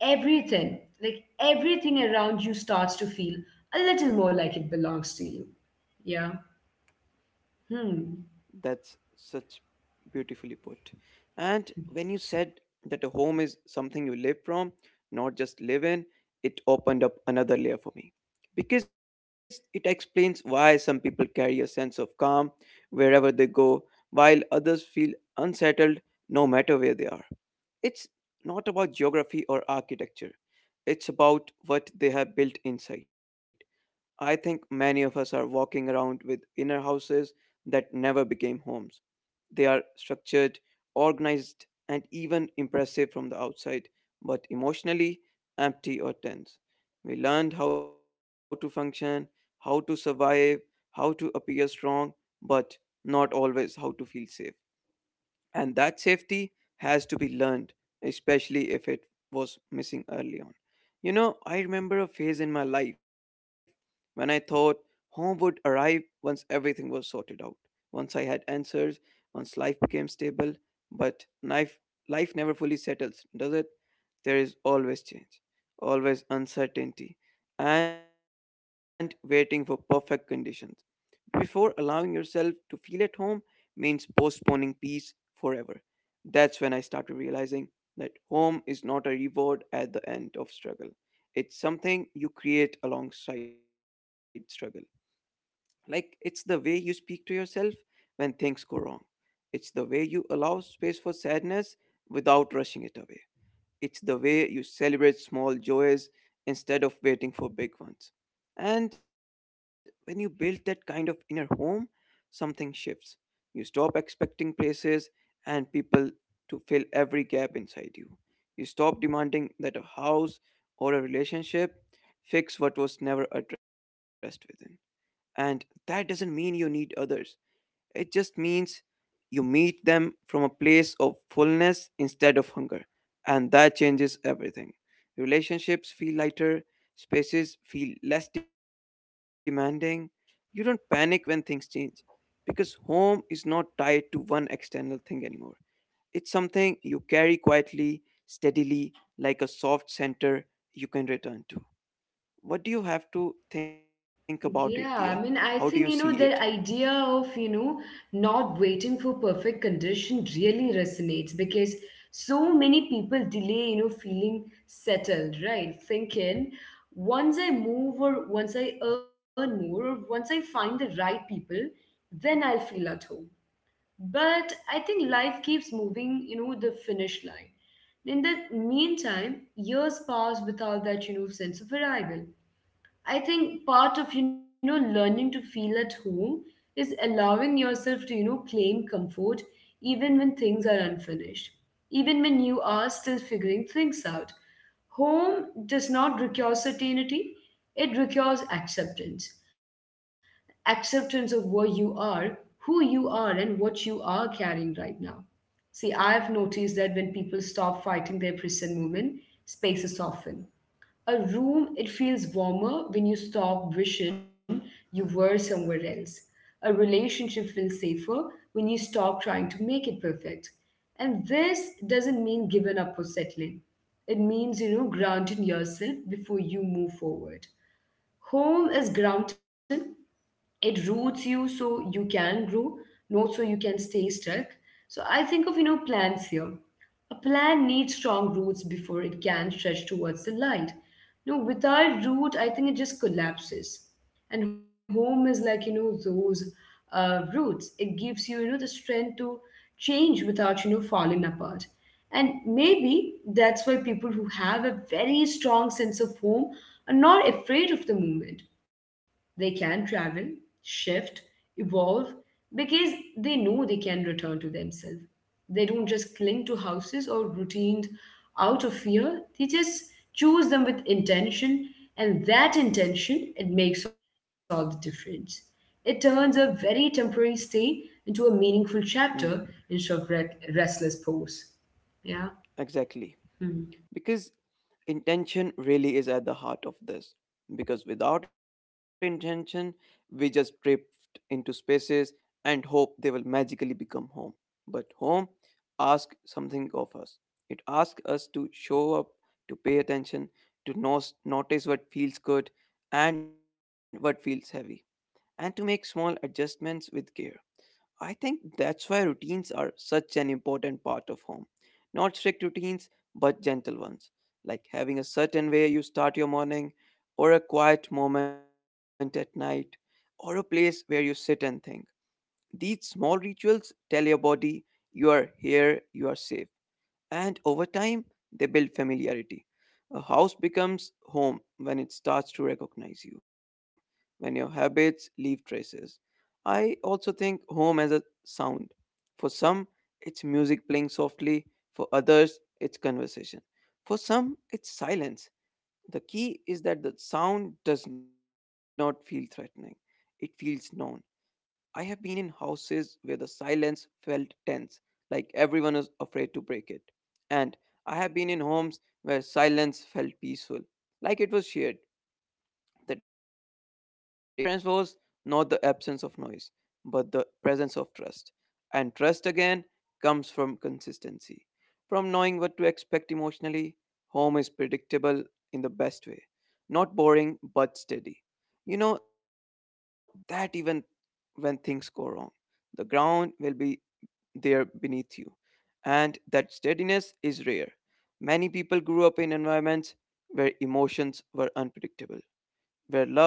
S1: everything like everything around you starts to feel a little more like it belongs to you. Yeah. Hmm.
S2: That's such beautifully put. And when you said that a home is something you live from, not just live in, it opened up another layer for me. Because it explains why some people carry a sense of calm wherever they go, while others feel unsettled no matter where they are. It's not about geography or architecture, it's about what they have built inside. I think many of us are walking around with inner houses that never became homes. They are structured, organized, and even impressive from the outside, but emotionally empty or tense. We learned how to function, how to survive, how to appear strong, but not always how to feel safe. And that safety has to be learned, especially if it was missing early on. You know, I remember a phase in my life when I thought home would arrive once everything was sorted out. Once I had answers, once life became stable, but life, life never fully settles, does it? There is always change, always uncertainty, and waiting for perfect conditions. Before allowing yourself to feel at home means postponing peace forever. That's when I started realizing that home is not a reward at the end of struggle. It's something you create alongside struggle. Like it's the way you speak to yourself when things go wrong. It's the way you allow space for sadness without rushing it away. It's the way you celebrate small joys instead of waiting for big ones. And when you build that kind of inner home, something shifts. You stop expecting places and people to fill every gap inside you. You stop demanding that a house or a relationship fix what was never addressed within. And that doesn't mean you need others. It just means you meet them from a place of fullness instead of hunger. And that changes everything. Relationships feel lighter, spaces feel less demanding. You don't panic when things change because home is not tied to one external thing anymore. It's something you carry quietly, steadily, like a soft center you can return to. What do you have to think about it, Dia?
S1: Yeah, I mean,
S2: How do
S1: I
S2: you
S1: think, you
S2: see
S1: know,
S2: it?
S1: the idea of, you know, not waiting for perfect condition really resonates because so many people delay, you know, feeling settled, right? Thinking, once I move or once I earn more or once I find the right people, then I'll feel at home. But I think life keeps moving, you know, the finish line. In the meantime, years pass without that, you know, sense of arrival. I think part of, you know, learning to feel at home is allowing yourself to, you know, claim comfort even when things are unfinished, even when you are still figuring things out. Home does not require certainty, it requires acceptance. Acceptance of where you are, who you are, and what you are carrying right now. See, I've noticed that when people stop fighting their present moment, spaces soften. A room, it feels warmer when you stop wishing you were somewhere else. A relationship feels safer when you stop trying to make it perfect. And this doesn't mean giving up or settling. It means, you know, grounding yourself before you move forward. Home is grounding, it roots you so you can grow, not so you can stay stuck. So I think of, you know, plants here. A plant needs strong roots before it can stretch towards the light. No, without root, I think it just collapses. And home is like, you know, those uh, roots. It gives you, you know, the strength to change without, you know, falling apart. And maybe that's why people who have a very strong sense of home are not afraid of the movement. They can travel, shift, evolve, because they know they can return to themselves. They don't just cling to houses or routines out of fear. They just choose them with intention, and that intention it makes all the difference. It turns a very temporary stay into a meaningful
S2: Mm,
S1: chapter instead of re- restless pose. Yeah.
S2: exactly.
S1: Hmm.
S2: Because intention really is at the heart of this. Because without intention, we just drift into spaces and hope they will magically become home. But home asks something of us. It asks us to show up, to pay attention, to nos- notice what feels good and what feels heavy, and to make small adjustments with care. I think that's why routines are such an important part of home. Not strict routines, but gentle ones, like having a certain way you start your morning, or a quiet moment at night, or a place where you sit and think. These small rituals tell your body you are here, you are safe, and over time they build familiarity. A house becomes home when it starts to recognize you, when your habits leave traces. I also think home as a sound. For some, it's music playing softly, for others, it's conversation, for some, it's silence. The key is that the sound does not feel threatening, it feels known. I have been in houses where the silence felt tense, like everyone was afraid to break it. And I have been in homes where silence felt peaceful, like it was shared. The difference was not the absence of noise, but the presence of trust. And trust again comes from consistency, from knowing what to expect emotionally. Home is predictable in the best way, not boring but steady. You know that even when things go wrong, the ground will be there beneath you, and that steadiness is rare. Many people grew up in environments where emotions were unpredictable, where love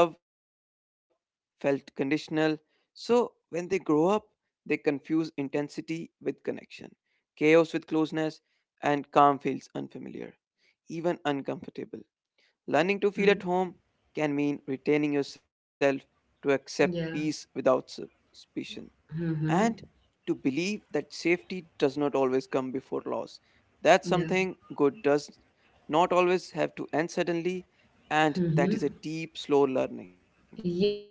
S2: felt conditional. So when they grow up, they confuse intensity with connection, chaos with closeness, and calm feels unfamiliar, even uncomfortable. Learning to feel at home
S1: Hmm.
S2: can mean retaining yourself to accept peace
S1: Yeah.
S2: without suspicion and
S1: Mm-hmm.
S2: to believe that safety does not always come before loss. That's something
S1: Yeah.
S2: good does not always have to end suddenly, and that is a
S1: Mm-hmm.
S2: deep, slow learning.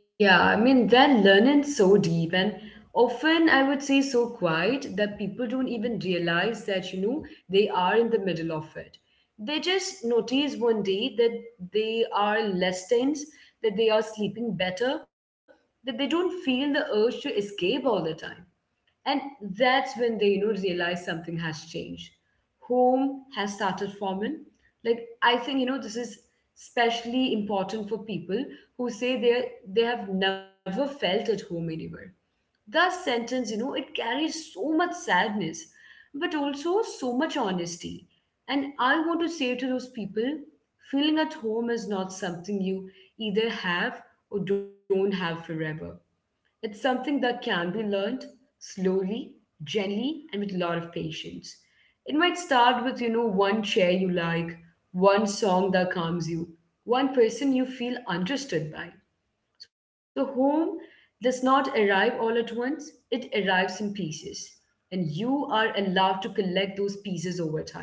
S1: Yeah, I mean, they're learning so deep and often I would say so quiet that people don't even realize that, you know, they are in the middle of it. They just notice one day that they are less tense, that they are sleeping better, that they don't feel the urge to escape all the time. And that's when they, you know, realize something has changed. Home has started forming. Like I think, you know, this is especially important for people who say they they have never felt at home anywhere. That sentence, you know, it carries so much sadness, but also so much honesty. And I want to say to those people, feeling at home is not something you either have or don't have forever. It's something that can be learned slowly, gently, and with a lot of patience. It might start with, you know, one chair you like, one song that calms you, one person you feel understood by. So, home does not arrive all at once, it arrives in pieces. And you are allowed to collect those pieces over time.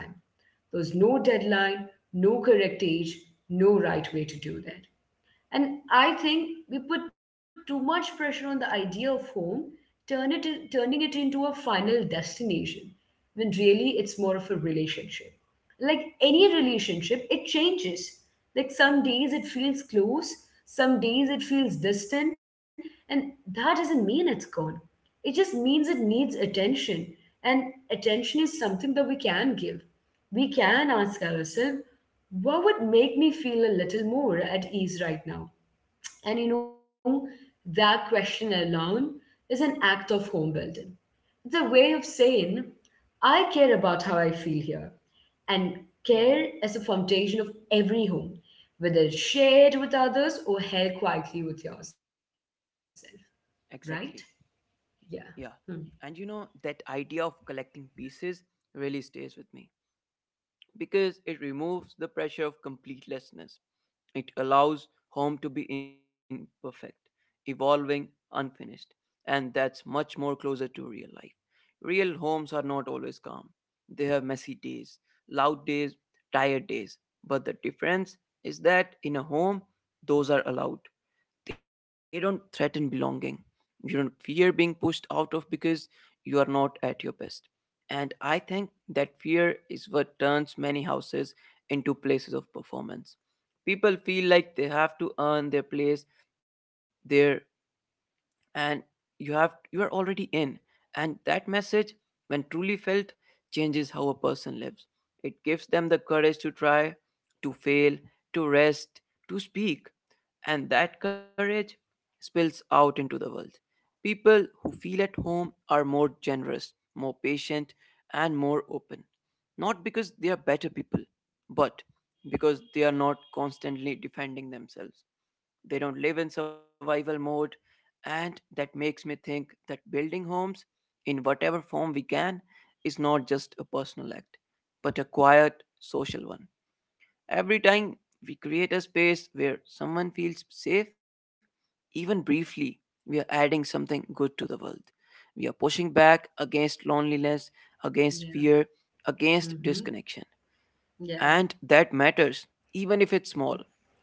S1: There's no deadline, no correct age, no right way to do that. And I think we put too much pressure on the idea of home, turn it in, turning it into a final destination, when really it's more of a relationship. Like any relationship, it changes. Like some days it feels close, some days it feels distant, and that doesn't mean it's gone. It just means it needs attention. And attention is something that we can give. We can ask ourselves, what would make me feel a little more at ease right now? And you know, that question alone is an act of home building. It's a way of saying, I care about how I feel here. And care
S2: Mm-hmm.
S1: is the foundation of every home, whether shared with others or held quietly with yourself, right?
S2: Exactly.
S1: Yeah. Hmm.
S2: Yeah. And you know, that idea of collecting pieces really stays with me, because it removes the pressure of completelessness. It allows home to be imperfect, evolving, unfinished, and that's much more closer to real life. Real homes are not always calm. They have messy days, loud days, tired days, but the difference is that in a home, those are allowed, they don't threaten belonging. You don't fear being pushed out of because you are not at your best. And I think that fear is what turns many houses into places of performance. People feel like they have to earn their place there, and you have you are already in, and that message, when truly felt, changes how a person lives. It gives them the courage to try, to fail, to rest, to speak, and that courage spills out into the world. People who feel at home are more generous, more patient, and more open, not because they are better people, but because they are not constantly defending themselves. They don't live in survival mode, and that makes me think that building homes, in whatever form we can, is not just a personal act, but a quiet social one. Every time we create a space where someone feels safe, even briefly, we are adding something good to the world. We are pushing back against loneliness, against
S1: Yeah.
S2: fear, against
S1: Hmm.
S2: disconnection,
S1: Yeah.
S2: and that matters, even if it's small,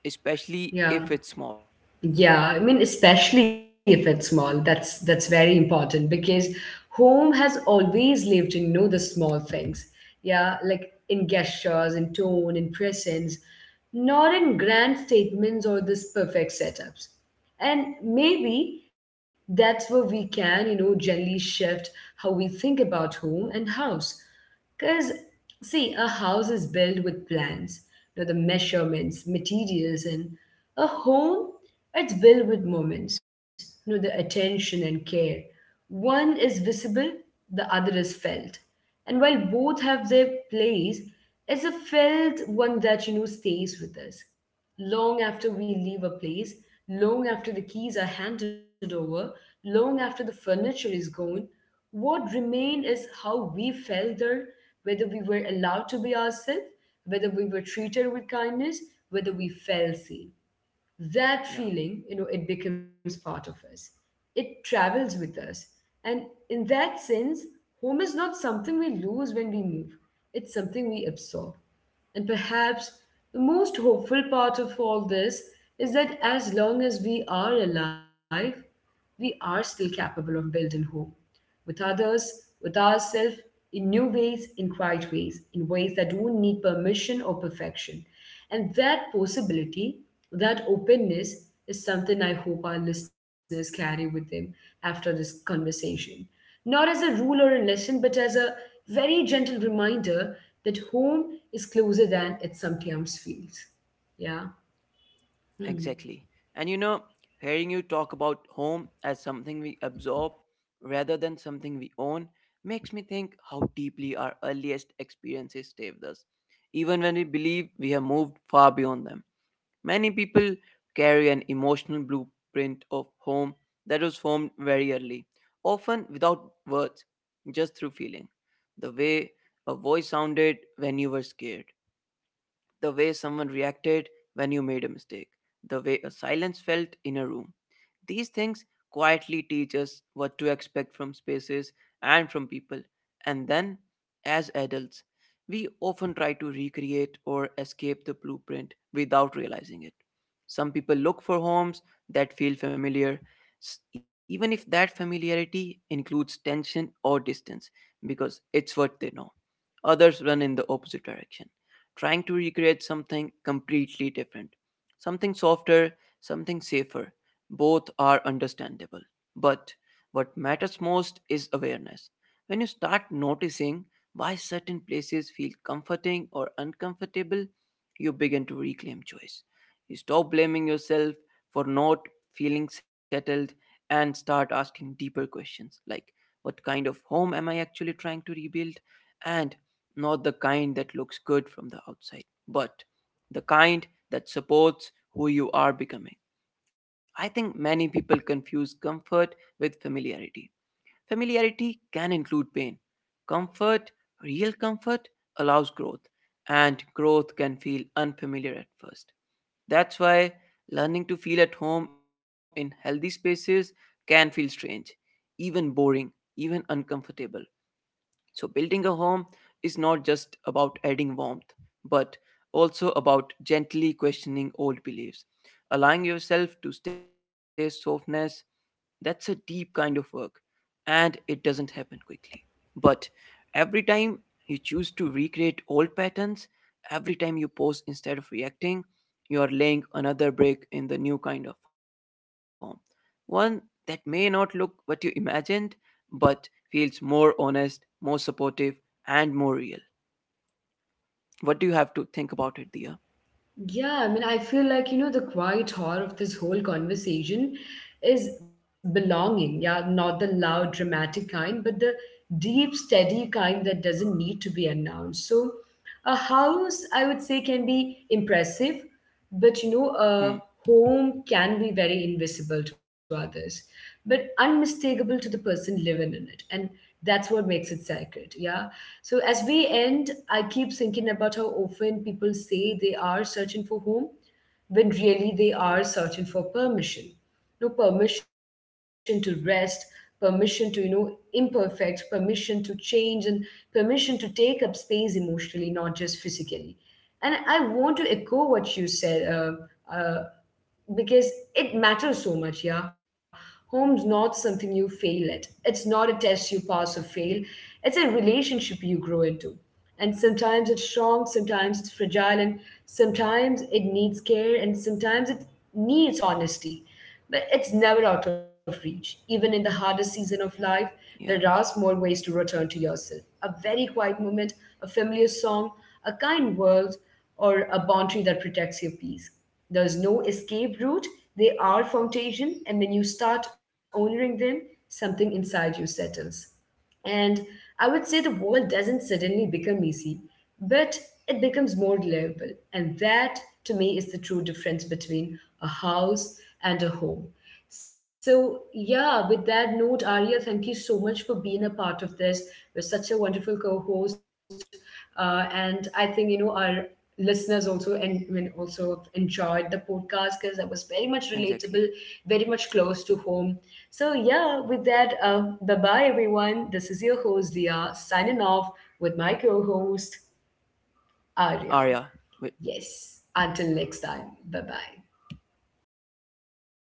S2: especially
S1: Yeah.
S2: if it's small.
S1: Yeah, I mean, especially if it's small, that's that's very important because home has always lived in, you know, the small things. Yeah, like in gestures, in tone, in presence, not in grand statements or this perfect setups. And maybe that's where we can, you know, gently shift how we think about home and house. Because, see, a house is built with plans, you know, the measurements, materials, and a home, it's built with moments, you know, the attention and care. One is visible, the other is felt. And while both have their place, it's a felt one that, you know, stays with us. Long after we leave a place, long after the keys are handed over, long after the furniture is gone, what remained is how we felt there, whether we were allowed to be ourselves, whether we were treated with kindness, whether we felt seen. That
S2: Yeah.
S1: feeling, you know, it becomes part of us. It travels with us. And in that sense, home is not something we lose when we move, it's something we absorb. And perhaps the most hopeful part of all this is that as long as we are alive, we are still capable of building hope with others, with ourselves, in new ways, in quiet ways, in ways that don't need permission or perfection. And that possibility, that openness, is something I hope our listeners carry with them after this conversation. Not as a rule or a lesson, but as a very gentle reminder that home is closer than it sometimes feels. Yeah. Hmm.
S2: Exactly. And you know, hearing you talk about home as something we absorb rather than something we own makes me think how deeply our earliest experiences stay with us, even when we believe we have moved far beyond them. Many people carry an emotional blueprint of home that was formed very early, often without words, just through feeling. The way a voice sounded when you were scared, the way someone reacted when you made a mistake, the way a silence felt in a room. These things quietly teach us what to expect from spaces and from people. And then, as adults, we often try to recreate or escape the blueprint without realizing it. Some people look for homes that feel familiar, s- even if that familiarity includes tension or distance, because it's what they know. Others run in the opposite direction, trying to recreate something completely different, something softer, something safer. Both are understandable. But what matters most is awareness. When you start noticing why certain places feel comforting or uncomfortable, you begin to reclaim choice. You stop blaming yourself for not feeling settled and start asking deeper questions, like what kind of home am I actually trying to rebuild? And not the kind that looks good from the outside, but the kind that supports who you are becoming. I think many people confuse comfort with familiarity. Familiarity can include pain. Comfort, real comfort, allows growth, and growth can feel unfamiliar at first. That's why learning to feel at home in healthy spaces can feel strange, even boring, even uncomfortable. So, building a home is not just about adding warmth, but also about gently questioning old beliefs, allowing yourself to stay softness. That's a deep kind of work, and it doesn't happen quickly. But every time you choose to recreate old patterns, every time you pause instead of reacting, you are laying another brick in the new kind of form. One that may not look what you imagined, but feels more honest, more supportive, and more real. What do you have to think about it, Dia?
S1: Yeah, I mean, I feel like, you know, the quiet horror of this whole conversation is belonging. Yeah, not the loud, dramatic kind, but the deep, steady kind that doesn't need to be announced. So, a house, I would say, can be impressive, but, you know, a
S2: Hmm,
S1: home can be very invisible to others, but unmistakable to the person living in it. And that's what makes it sacred. Yeah. So as we end, I keep thinking about how often people say they are searching for home when really they are searching for permission. No permission to rest, permission to, you know, imperfect, permission to change, and permission to take up space emotionally, not just physically. And I want to echo what you said, uh, uh, because it matters so much. Yeah, home's not something you fail at, it's not a test you pass or fail, it's a relationship you grow into. And sometimes it's strong, sometimes it's fragile, and sometimes it needs care, and sometimes it needs honesty. But it's never out of reach. Even in the hardest season of
S2: yeah,
S1: life, there are small ways to return to yourself: a very quiet moment, a familiar song, a kind word, or a boundary that protects your peace. There's no escape route, they are foundation, and when you start honoring them, something inside you settles. And I would say the world doesn't suddenly become easy, but it becomes more livable. And that, to me, is the true difference between a house and a home. So, yeah, with that note, Arya, thank you so much for being a part of this. You're such a wonderful co host. Uh, and I think, you know, our listeners also, and I mean, also enjoyed the podcast because that was very much relatable,
S2: exactly.
S1: very much close to home. So yeah, with that, uh, bye bye everyone. This is your host Dia signing off with my co-host Arya.
S2: Arya, wait.
S1: Yes, until next time. Bye bye.